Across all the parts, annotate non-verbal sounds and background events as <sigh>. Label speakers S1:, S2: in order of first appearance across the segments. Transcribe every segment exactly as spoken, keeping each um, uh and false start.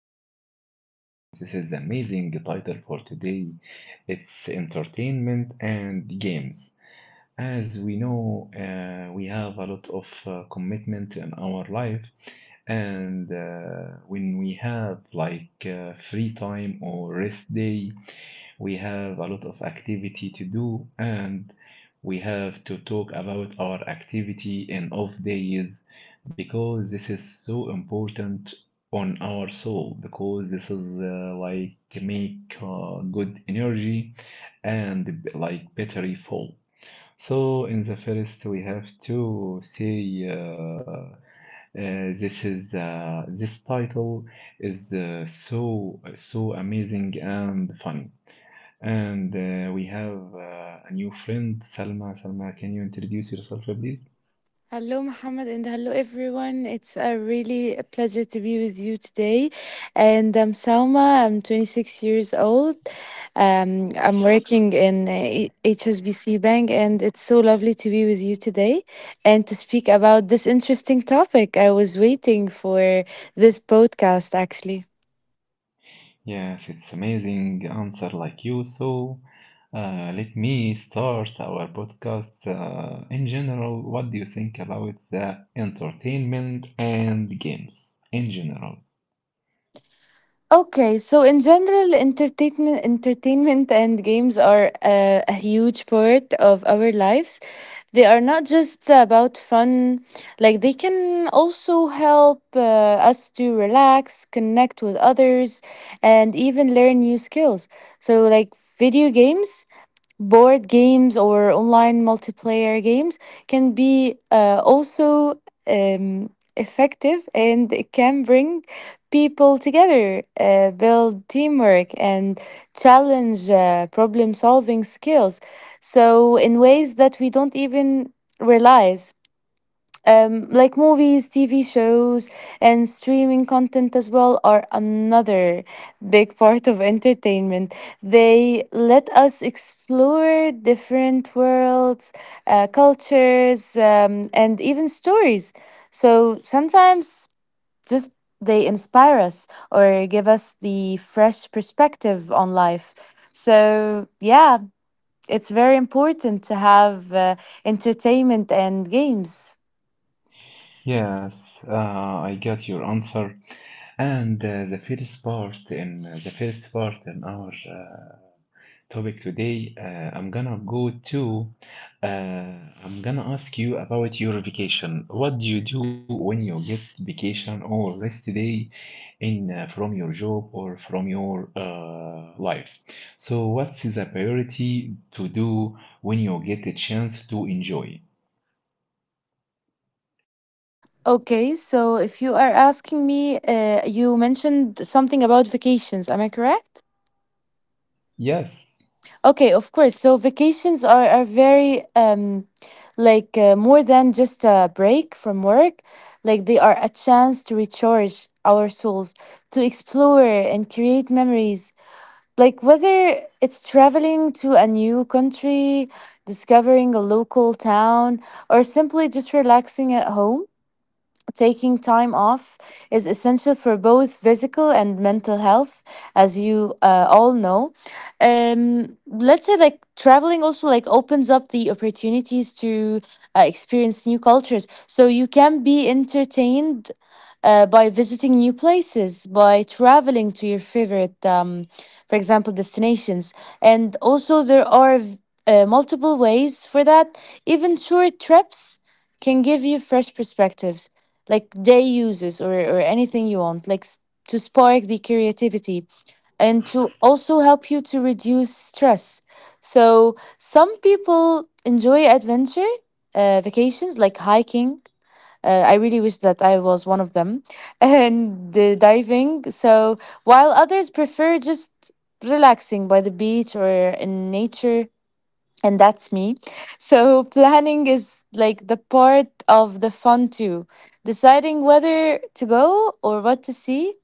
S1: podcast, and this is amazing title for today. It's entertainment and games. As we know, uh, we have a lot of uh, commitment in our life, and uh, when we have like uh, free time or rest day, we have a lot of activity to do and we have to talk about our activity in off days because this is so important on our soul because this is uh, like make uh, good energy and like battery full. so in the first we have to say uh, uh, this is uh, this title is uh, so so amazing and funny and uh, we have uh, a new friend, Salma. Salma, can you introduce yourself, please?
S2: Hello, Muhammad, and hello, everyone. It's a really a pleasure to be with you today. And I'm Salma. I'm twenty-six years old. Um, I'm working in uh, E- H S B C Bank, and it's so lovely to be with you today and to speak about this interesting topic. I was waiting for this podcast, actually.
S1: Yes, it's amazing answer like you. So, uh, let me start our podcast. Uh, in general, what do you think about the entertainment and games in general?
S2: Okay, so in general, entertainment, entertainment and games are uh, a huge part of our lives. They are not just about fun, like, they can also help uh, us to relax, connect with others, and even learn new skills. So, like, video games, board games, or online multiplayer games can be uh, also um, effective, and it can bring people together, uh, build teamwork, and challenge uh, problem solving skills. So, in ways that we don't even realize um, like movies, T V shows, and streaming content as well are another big <laughs> part of entertainment. They let us explore different worlds, uh, cultures, um, and even stories. So sometimes just they inspire us or give us the fresh perspective on life. So, yeah, it's very important to have uh, entertainment and games.
S1: Yes, uh, I got your answer. And uh, the first part in uh, the first part in our uh, topic today, uh, I'm gonna go to uh, I'm gonna ask you about your vacation. What do you do when you get vacation or rest day in uh, from your job or from your uh, life? So what's the priority to do when you get a chance to enjoy?
S2: Okay, so if you are asking me, uh, you mentioned something about vacations, am I correct?
S1: Yes,
S2: Okay, of course. So vacations are, are very, um, like, uh, more than just a break from work. Like, they are a chance to recharge our souls, to explore and create memories. Like, whether it's traveling to a new country, discovering a local town, or simply just relaxing at home. Taking time off is essential for both physical and mental health, as you uh, all know. Um, let's say like traveling also like opens up the opportunities to uh, experience new cultures. So you can be entertained uh, by visiting new places, by traveling to your favorite, um, for example, destinations. And also, there are v- uh, multiple ways for that. Even short trips can give you fresh perspectives, like day uses, or, or anything you want, like s- to spark the creativity and to also help you to reduce stress. So, some people enjoy adventure uh, vacations like hiking uh, I really wish that I was one of them. <laughs> And uh, diving. So while others prefer just relaxing by the beach or in nature, and that's me. <laughs> So planning is like the part of the fun too. Deciding whether to go or what to see,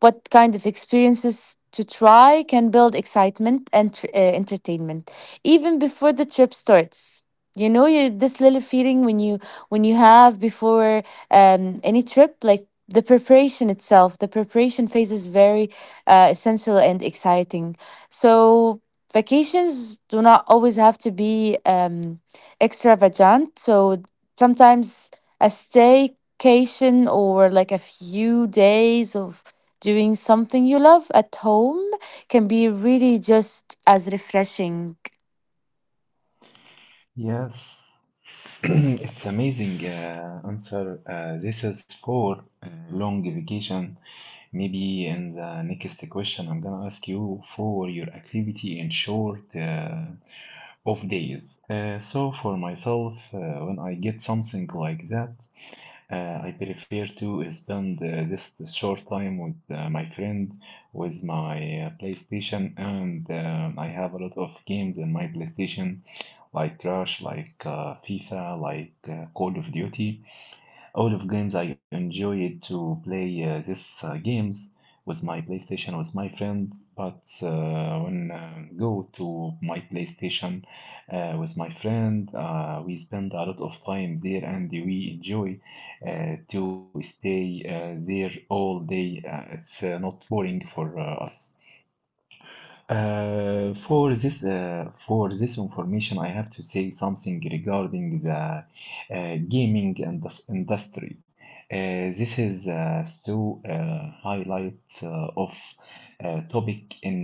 S2: what kind of experiences to try can build excitement and tr- uh, entertainment even before the trip starts. You know you This little feeling when you when you have before um any trip, like the preparation itself, the preparation phase is very uh, essential and exciting. So vacations do not always have to be um extravagant. So sometimes a staycation or like a few days of Doing something you love at home can be really just as refreshing.
S1: yes. <clears throat> It's amazing uh, answer. Uh, this is for uh, long vacation. Maybe in the next question, I'm gonna ask you for your activity in short uh, off days. Uh, so for myself, uh, when I get something like that, uh, I prefer to spend uh, this short time with uh, my friend, with my uh, PlayStation, and um I have a lot of games in my PlayStation like Crash, like uh, FIFA, like uh, Call of Duty. All of games I enjoyed to play uh, these uh, games with my PlayStation with my friend. But uh, when uh, go to my PlayStation uh, with my friend, uh, we spend a lot of time there and we enjoy uh, to stay uh, there all day. Uh, it's uh, not boring for uh, us. Uh, for this uh, for this information, I have to say something regarding the uh, gaming indus- industry. Uh, this is uh, still uh, highlight uh, of uh, topic in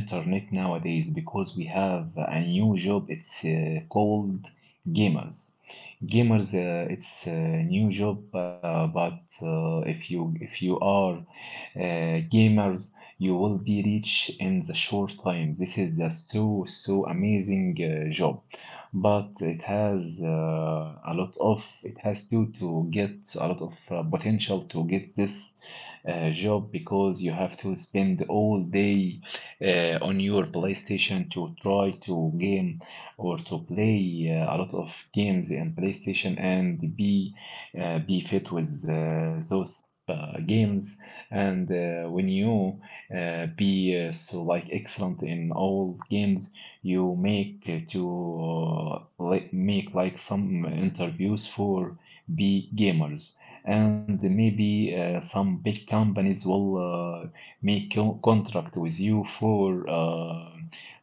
S1: internet nowadays because we have a new job. It's uh, called gamers. Gamers, uh, it's a new job, uh, but uh, if you if you are uh, gamers you will be rich in the short time. This is the so so amazing uh, job, but it has uh, a lot of it has to to get a lot of uh, potential to get this uh, job because you have to spend all day uh, on your PlayStation to try to game or to play uh, a lot of games in PlayStation and be uh, be fit with uh, those uh, games. And uh, when you uh, be uh, so like excellent in all games you make uh, to uh, like make like some interviews for big gamers and maybe uh, some big companies will uh, make co- contract with you for uh,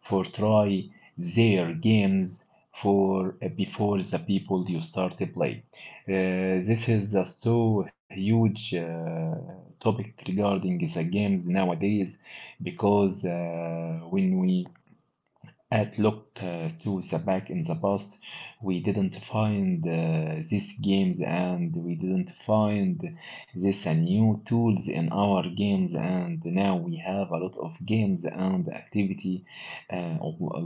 S1: for try their games for uh, before the people you start to play. Uh, this is a so huge uh, topic regarding the games nowadays because uh, when we at look uh, to the back in the past, we didn't find uh, these games and we didn't find this uh, new tools in our games, and now we have a lot of games and activity. Uh,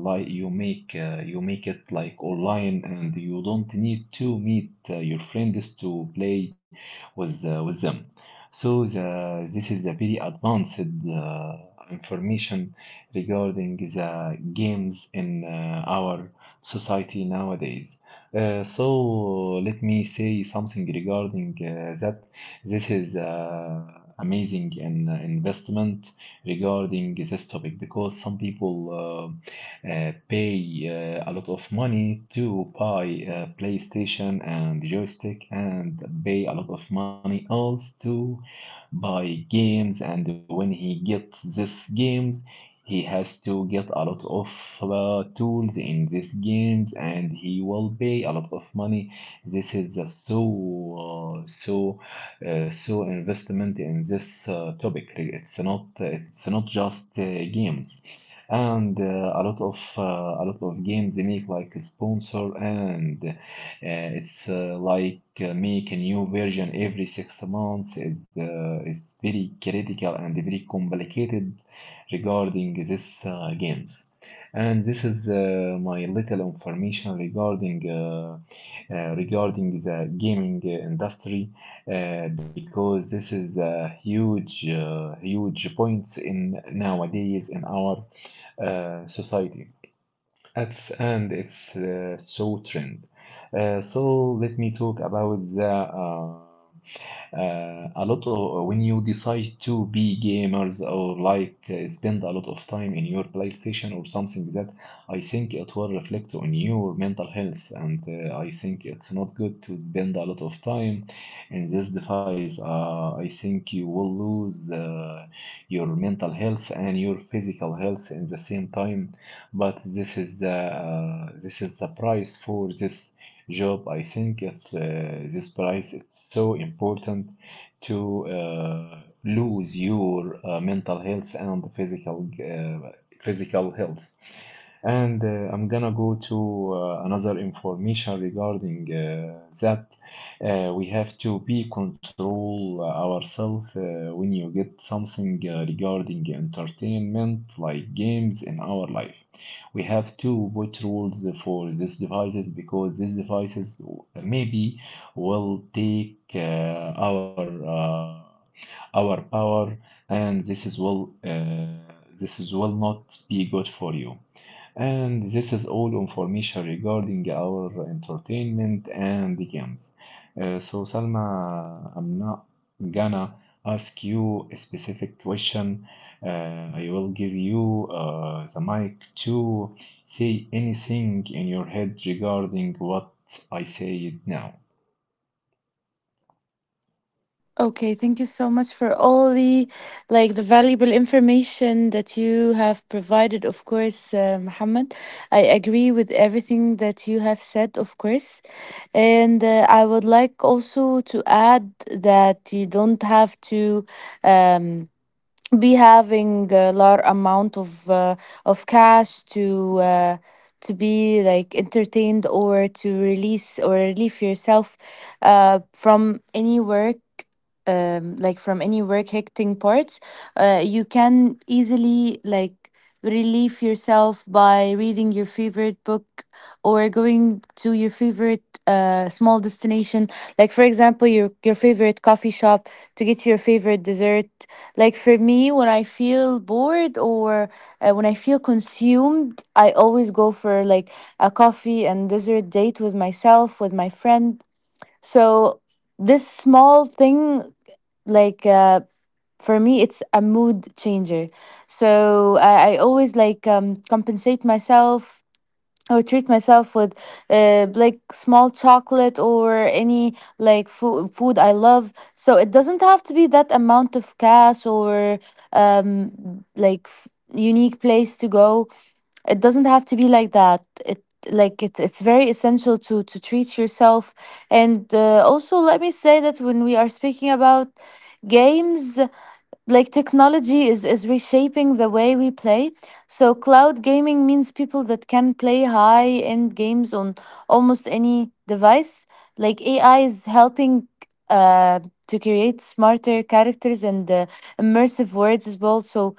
S1: Like you make uh, you make it like online, and you don't need to meet uh, your friends to play with uh, with them. So the, this is a very advanced uh, information regarding the games in uh, our society nowadays. Uh, so let me say something regarding uh, that. This is uh, amazing an uh, investment regarding this topic because some people uh, uh, pay uh, a lot of money to buy uh, PlayStation and joystick and pay a lot of money else to buy games and when he gets these games he has to get a lot of uh, tools in these games, and he will pay a lot of money. This is a so uh, so uh, so investment in this uh, topic. It's not it's not just uh, games, and uh, a lot of uh, a lot of games they make like a sponsor, and uh, it's uh, like uh, make a new version every six months. Is uh, is very critical and very complicated regarding this uh, games. And this is uh, my little information regarding uh, uh, regarding the gaming uh, industry uh, because this is a huge uh, huge point in nowadays in our uh, society. At and it's uh, so trend. Uh, so let me talk about the uh, uh, a lot of uh, when you decide to be gamers or like uh, spend a lot of time in your PlayStation or something like that I think it will reflect on your mental health and uh, I think it's not good to spend a lot of time in this device. uh, I think you will lose uh, your mental health and your physical health in the same time, but this is the uh, this is the price for this job. I think it's uh, this price is so important to uh, lose your uh, mental health and physical uh, physical health. And uh, I'm gonna go to uh, another information regarding uh, that. Uh, we have to be control ourselves uh, when you get something uh, regarding entertainment like games in our life. We have to put rules for these devices because these devices maybe will take uh, our uh, our power and this is will uh, this is will not be good for you, and this is all information regarding our entertainment and the games. Uh, so, Salma, I'm not gonna ask you a specific question. Uh, I will give you uh, the mic to say anything in your head regarding what I said now.
S2: Okay, thank you so much for all the like the valuable information that you have provided, of course, uh, Muhammad. I agree with everything that you have said, of course. And uh, I would like also to add that you don't have to um, be having a large amount of uh, of cash to uh, to be like entertained or to release or relieve yourself uh, from any work, um, like from any work hectic parts. Uh, you can easily like relieve yourself by reading your favorite book or going to your favorite uh, small destination, like for example your your favorite coffee shop, to get your favorite dessert. Like for me, when I feel bored or uh, when I feel consumed, I always go for like a coffee and dessert date with myself, with my friend. So this small thing, like uh, for me, it's a mood changer. So I, I always like um, compensate myself or treat myself with uh, like small chocolate or any like food food I love. So it doesn't have to be that amount of cash or um like f- unique place to go. It doesn't have to be like that. It like it, it's very essential to to treat yourself. And uh, also let me say that when we are speaking about games, like, technology is is reshaping the way we play. So cloud gaming means people that can play high end games on almost any device. Like, AI is helping uh to create smarter characters and uh, immersive worlds as well. So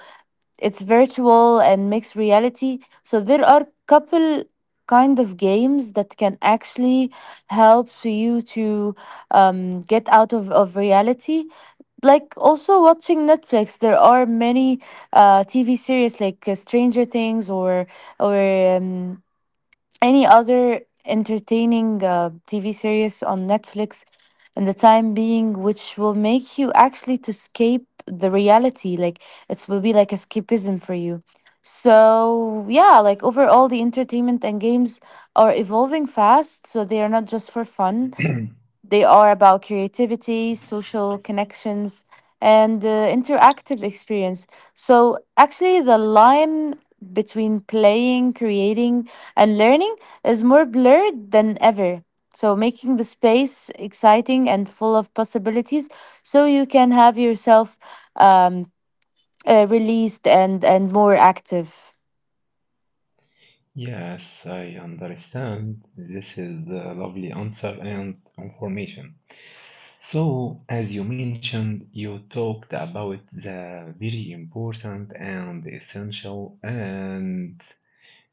S2: it's virtual and mixed reality, so there are couple kind of games that can actually help you to um, get out of, of reality. Like also watching Netflix, there are many uh TV series, like uh, Stranger Things, or or um, any other entertaining uh, TV series on Netflix in the time being, which will make you actually to escape the reality. Like, it will be like escapism for you. So yeah, like overall the entertainment and games are evolving fast, so they are not just for fun. They are about creativity, social connections, and uh, interactive experience. So, actually, the line between playing, creating, and learning is more blurred than ever. So, making the space exciting and full of possibilities, so you can have yourself um, uh, released and, and more active.
S1: Yes, I understand. This is a lovely answer and information. So, as you mentioned, you talked about the very important and essential and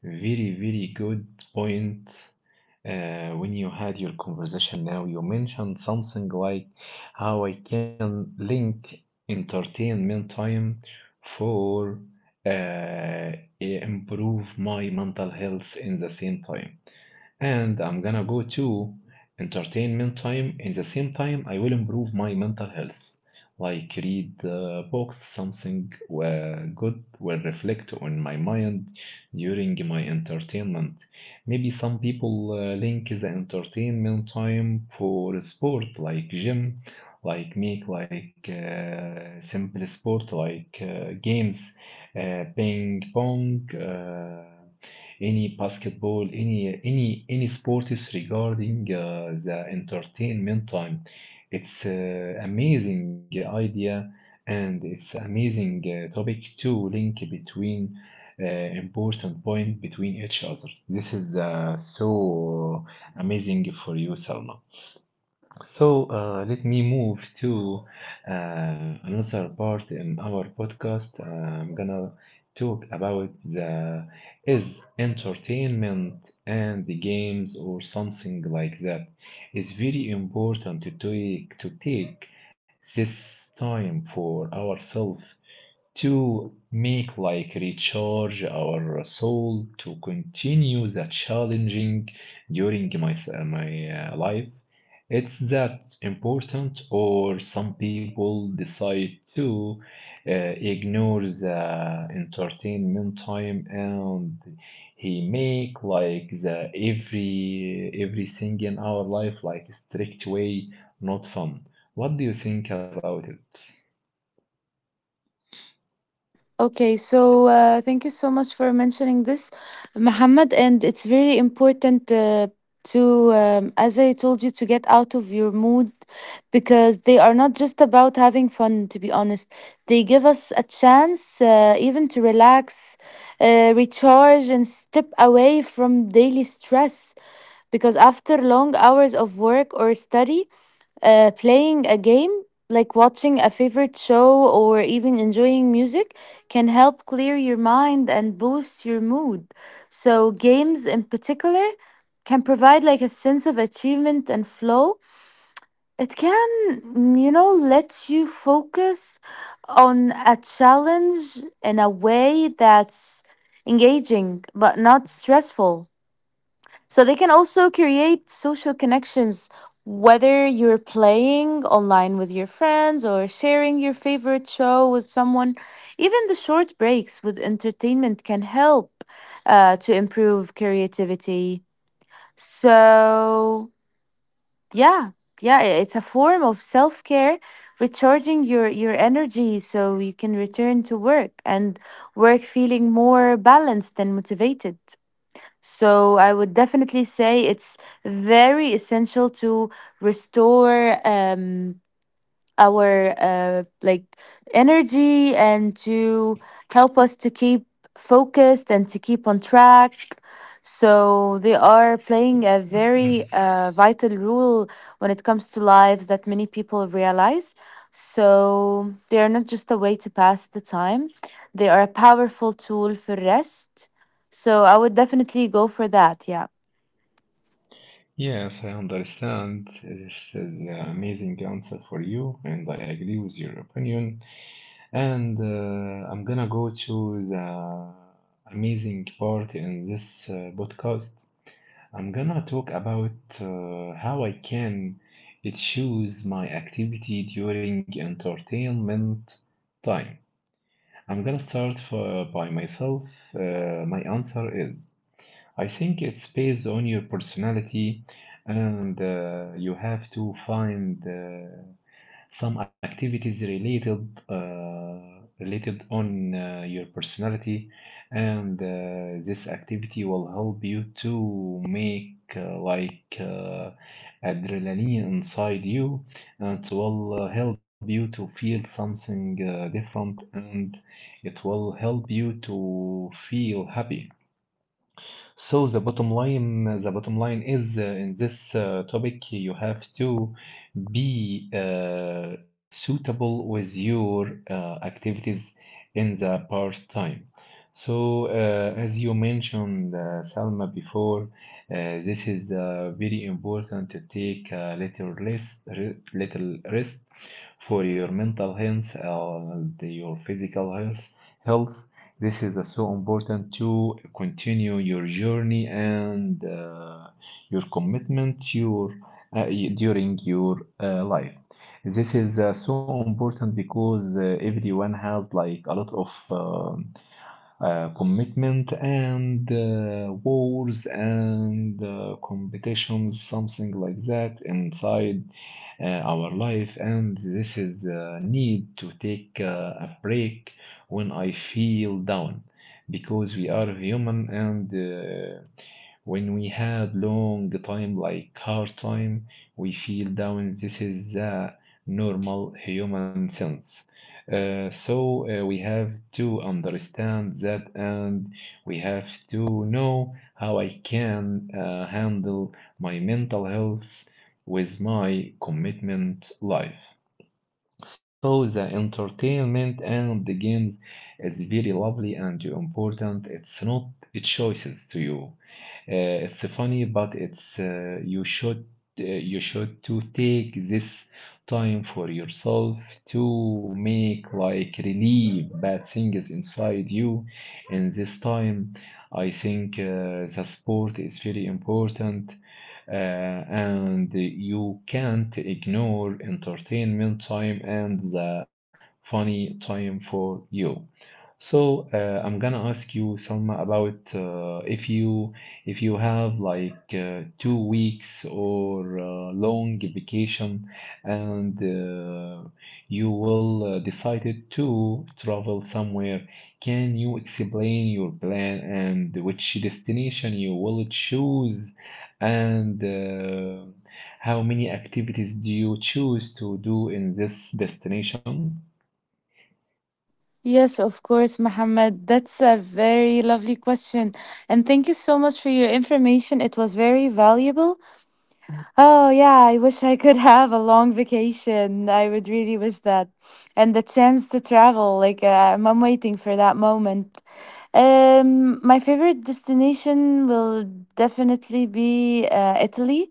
S1: very, very good point uh, when you had your conversation now. You mentioned something like how I can link entertainment time for uh, improve my mental health in the same time, and I'm gonna go to entertainment time. In the same time, I will improve my mental health, like read uh, books, something uh, good will reflect on my mind during my entertainment. Maybe some people uh, link the entertainment time for sport, like gym, like make like uh, simple sport like uh, games, uh, ping pong. Uh, any basketball, any any any sport is regarding uh, the entertainment time. It's uh, amazing idea, and it's amazing uh, topic to link between uh, important point between each other. This is uh, so amazing for you, Salma. So uh, let me move to uh, another part in our podcast. Uh, I'm gonna talk about the is entertainment and the games or something like that. It's very important to take to take this time for ourselves to make like recharge our soul to continue the challenging during my my uh, life. It's that important, or some people decide to uh, ignore the entertainment time and he make like the every everything in our life like strict way, not fun. What do you think about it?
S2: Okay, so uh, thank you so much for mentioning this, Muhammad. And it's very important uh, to, um, as I told you, to get out of your mood, because they are not just about having fun, to be honest. They give us a chance uh, even to relax, uh, recharge, and step away from daily stress, because after long hours of work or study, uh, playing a game, like watching a favorite show or even enjoying music, can help clear your mind and boost your mood. So, games in particular can provide like a sense of achievement and flow. It can, mm, you know, let you focus on a challenge in a way that's engaging but not stressful. So they can also create social connections, whether you're playing online with your friends or sharing your favorite show with someone. Even the short breaks with entertainment can help uh, to improve creativity. So, yeah. Yeah, i- it's a form of self-care, recharging your your energy so you can return to work and work feeling more balanced and motivated. So I would definitely say it's very essential to restore. Um, our uh, like energy and to help us to keep focused and to keep on track. So they are playing a very
S1: <clears throat>
S2: uh, vital role when it comes to lives that many people realize. So they are not just a way to pass the time, they are a powerful tool for rest. So I would definitely go for that, yeah.
S1: Yes, I understand. This is an amazing answer for you, and I agree with your opinion. And uh, I'm gonna go to the amazing part in this uh, podcast. I'm gonna talk about uh, how I can choose my activity during entertainment time. I'm gonna start for, by myself. Uh, my answer is. I think it's based on your personality, and uh, you have to find uh, some activities related uh, related on uh, your personality, and uh, this activity will help you to make uh, like uh, adrenaline inside you, and it will uh, help you to feel something uh, different, and it will help you to feel happy. So the bottom line, the bottom line is uh, in this uh, topic, you have to be uh, suitable with your uh, activities in the part time. So, uh, as you mentioned, uh, Salma, before, uh, this is uh, very important to take a little rest, re- little rest for your mental health, uh, the- your physical health, health. This is uh, so important to continue your journey and uh, your commitment your, uh, during your uh, life. This is uh, so important because uh, everyone has like a lot of uh, uh, commitment and uh, wars and uh, competitions, something like that, inside uh, our life. And this is uh, need to take uh, a break when I feel down, because we are human and. Uh, when we had long time like hard time we feel down. This is a normal human sense, uh, so uh, we have to understand that, and we have to know how I can uh, handle my mental health with my commitment life. So the entertainment and the games is very lovely and important. It's not choices to you. Uh, it's funny, but it's uh, you should uh, you should to take this time for yourself to make like relieve bad things inside you. In this time, I think uh, the sport is very important, uh, and you can't ignore entertainment time and the funny time for you. So uh, I'm gonna ask you, Salma, about uh, if you if you have like uh, two weeks or uh, long vacation, and uh, you will uh, decided to travel somewhere. Can you explain your plan and which destination you will choose, and uh, how many activities do you choose to do in this destination?
S2: Yes, of course, Mohammed. That's a very lovely question. And thank you so much for your information. It was very valuable. Oh, yeah, I wish I could <laughs> have a long vacation. I would really wish that. And the chance to travel. Like, uh, I'm waiting for that moment. Um, my favorite destination will definitely be uh, Italy,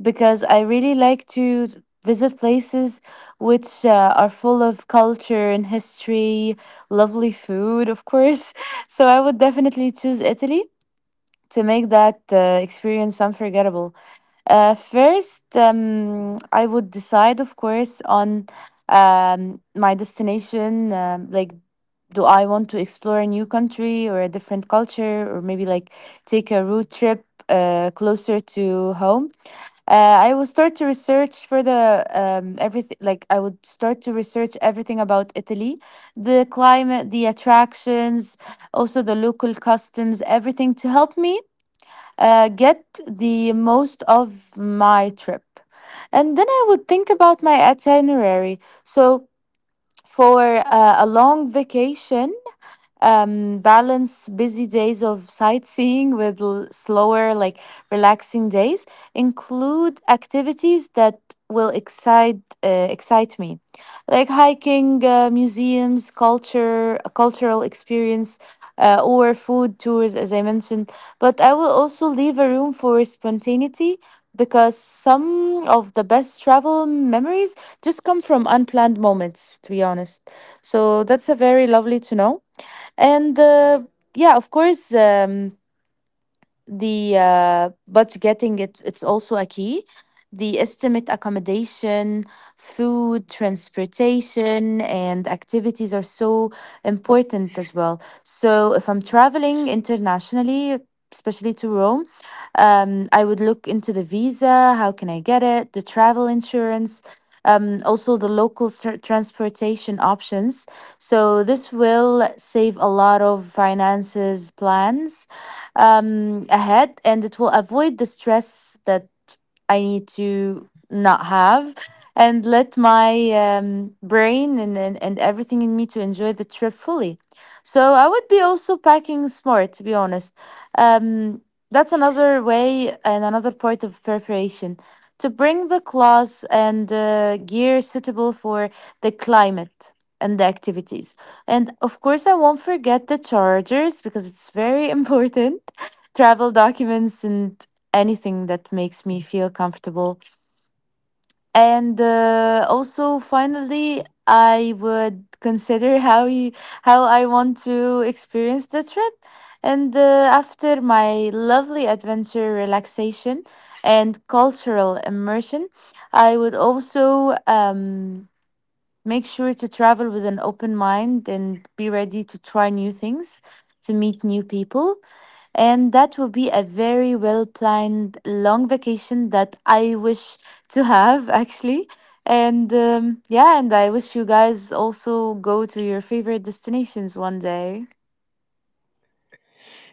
S2: because I really like to visit places which uh, are full of culture and history, lovely food, of course. <laughs> So I would definitely choose Italy to make that uh, experience unforgettable. Uh, first, um, I would decide, of course, on um, my destination, um, like. Do I want to explore a new country or a different culture, or maybe like take a road trip, uh, closer to home? Uh, I will start to research for the um, everything. Like, I would start to research everything about Italy, the climate, the attractions, also the local customs, everything to help me uh, get the most of my trip. And then I would think about my itinerary. So for uh, a long vacation, um balance busy days of sightseeing with l- slower, like relaxing days. Include activities that will excite uh, excite me, like hiking, uh, museums, culture cultural experience, uh, or food tours, as I mentioned. But I will also leave a room for spontaneity, because some of the best travel memories just come from unplanned moments, to be honest. So that's a very lovely to know. And uh, yeah, of course, um, the uh, but getting it it's also a key. The estimate accommodation, food, transportation, and activities are so important as well. So if I'm traveling internationally, especially to Rome, um, I would look into the visa, how can I get it, the travel insurance, um, also the local ser- transportation options. So this will save a lot of finances plans um, ahead, and it will avoid the stress that I need to not have, and let my um, brain and, and, and everything in me to enjoy the trip fully. So I would be also packing smart, to be honest. Um, that's another way and another part of preparation, to bring the clothes and uh, gear suitable for the climate and the activities. And of course, I won't forget the chargers, because it's very <laughs> important, travel documents and anything that makes me feel comfortable. And uh, also, finally, I would consider how you how I want to experience the trip. And uh, after my lovely adventure, relaxation, and cultural immersion, I would also um, Make sure to travel with an open mind and be ready to try new things, to meet new people. And that will be a very well planned long vacation that I wish to have <laughs> actually. And um, yeah, and I wish you guys also go to your favorite destinations one day.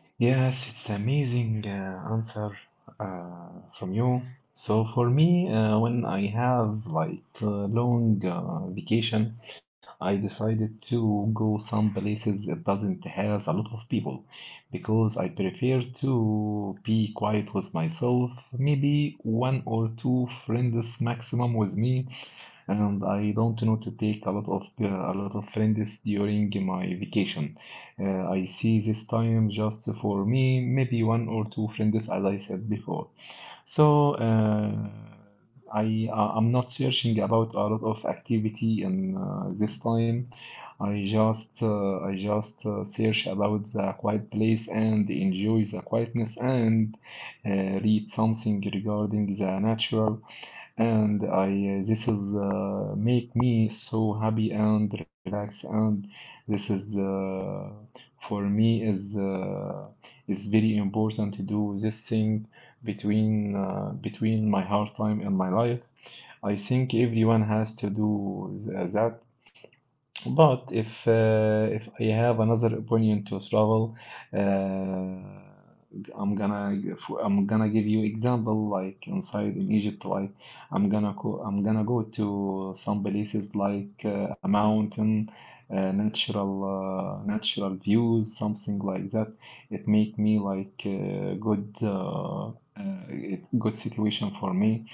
S1: Yes, it's amazing uh, answer uh, from you. So for me, uh, when I have like a long uh, vacation, I decided to go some places it doesn't has a lot of people, because I prefer to be quiet with myself, maybe one or two friends maximum with me, and I don't know to take a lot of uh, a lot of friends during my vacation. Uh, I see this time just for me, maybe one or two friends, as I said before. So uh, I uh, I'm not searching about a lot of activity in uh, this time. I just uh, I just uh, search about the quiet place and enjoy the quietness, and uh, read something regarding the natural, and I uh, this is uh, make me so happy and relax. And this is uh, for me is uh, is very important to do this thing between uh, between my hard time and my life. I think everyone has to do th- that, but if uh, if I have another opinion to travel, uh, I'm gonna I'm gonna give you example like inside in Egypt, like I'm gonna go I'm gonna go to some places like uh, a mountain, uh, natural uh, natural views, something like that. It make me like uh, good uh, uh, it- good situation for me.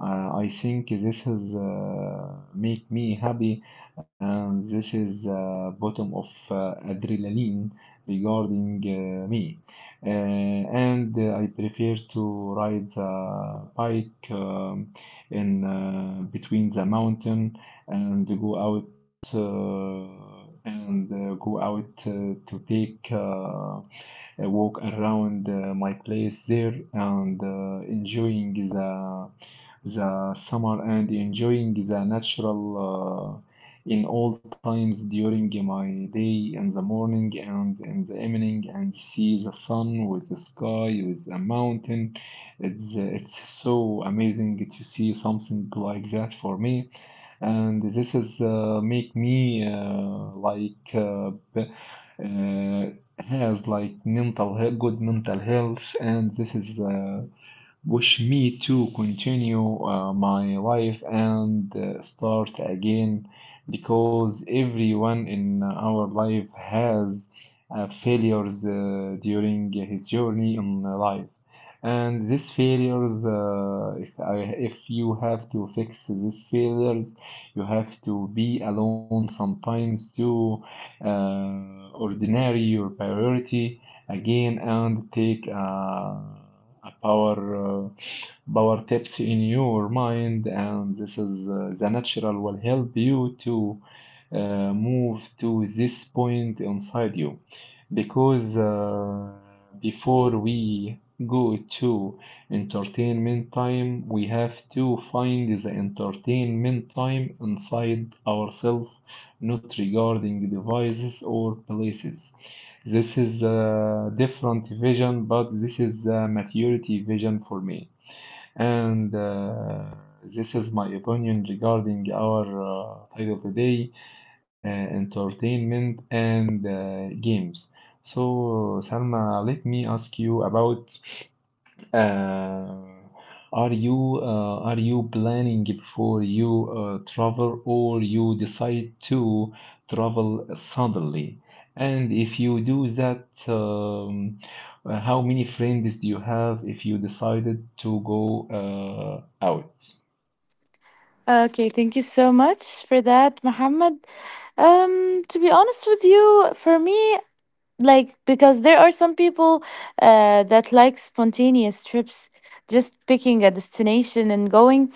S1: Uh, I think this is uh, make me happy, and this is uh, bottom of uh, adrenaline regarding uh, me. Uh, and uh, I prefer to ride the bike, um, in uh, between the mountain, and go out uh, and uh, go out uh, to take uh, a walk around uh, my place there, and uh, enjoying the the summer and enjoying the natural, uh, in all times during my day, in the morning and in the evening, and see the sun with the sky, with the mountain. It's, uh, it's so amazing to see something like that for me. And this is uh, make me uh, like uh, uh, has like mental he- good mental health, and this is uh, wish me to continue uh, my life and uh, start again, because everyone in our life has uh, failures uh, during his journey in life, and these failures, uh, if I, if you have to fix these failures, you have to be alone sometimes to uh, ordinary your priority again and take uh, a power uh, power tips in your mind, and this is uh, the natural will help you to uh, move to this point inside you, because uh, before we go to entertainment time we have to find the entertainment time inside ourselves, not regarding devices or places. This is a different vision, but this is a maturity vision for me. And uh, this is my opinion regarding our uh, title today, uh, entertainment and uh, games. So, Salma, let me ask you about uh, are you uh, are you planning before you uh, travel, or you decide to travel suddenly? And if you do that, um, uh, how many friends do you have if you decided to go uh, out?
S2: Okay, thank you so much for that, Mohammed. Um, to be honest with you, for me, like, because there are some people uh, that like spontaneous trips, just picking a destination and going,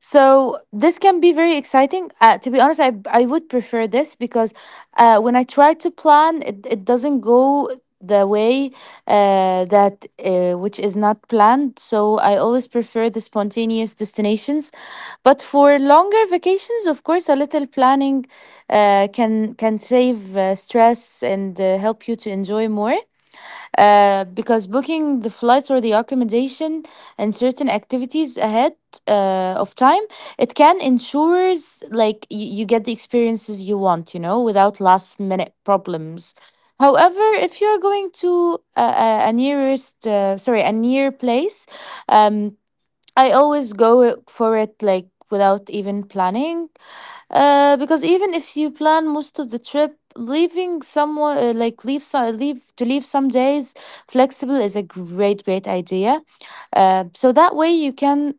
S2: so this can be very exciting. Uh, to be honest, I I would prefer this, because uh, when I try to plan, it, it doesn't go the way uh, that uh, which is not planned. So I always prefer the spontaneous destinations. But for longer vacations, of course, a little planning uh, can can save uh, stress and uh, help you to enjoy more, uh, because booking the flights or the accommodation and certain activities ahead uh, of time, it can ensures like you, you get the experiences you want you know without last minute problems. However, if you're going to a, a, a nearest, uh, sorry, a near place, um, I always go for it like without even planning, uh, because even if you plan most of the trip, leaving someone uh, like leave some leave to leave some days flexible is a great great idea. Uh, so that way you can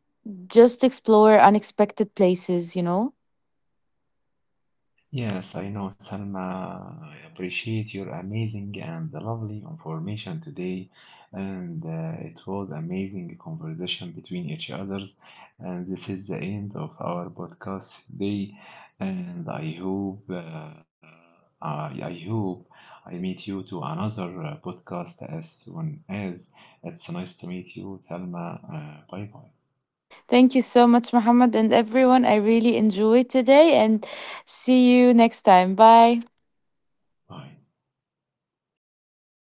S2: just explore unexpected places. You know.
S1: Yes, I know, Salma. I appreciate your amazing and lovely information today. And uh, it was amazing conversation between each others. And this is the end of our podcast today. And I hope uh, I, I hope I meet you to another uh, podcast as soon as. It's nice to meet you, Salma. Uh, bye bye.
S2: Thank you so much, Muhammad, and everyone. I really enjoyed today, and see you next time. Bye.
S1: Bye.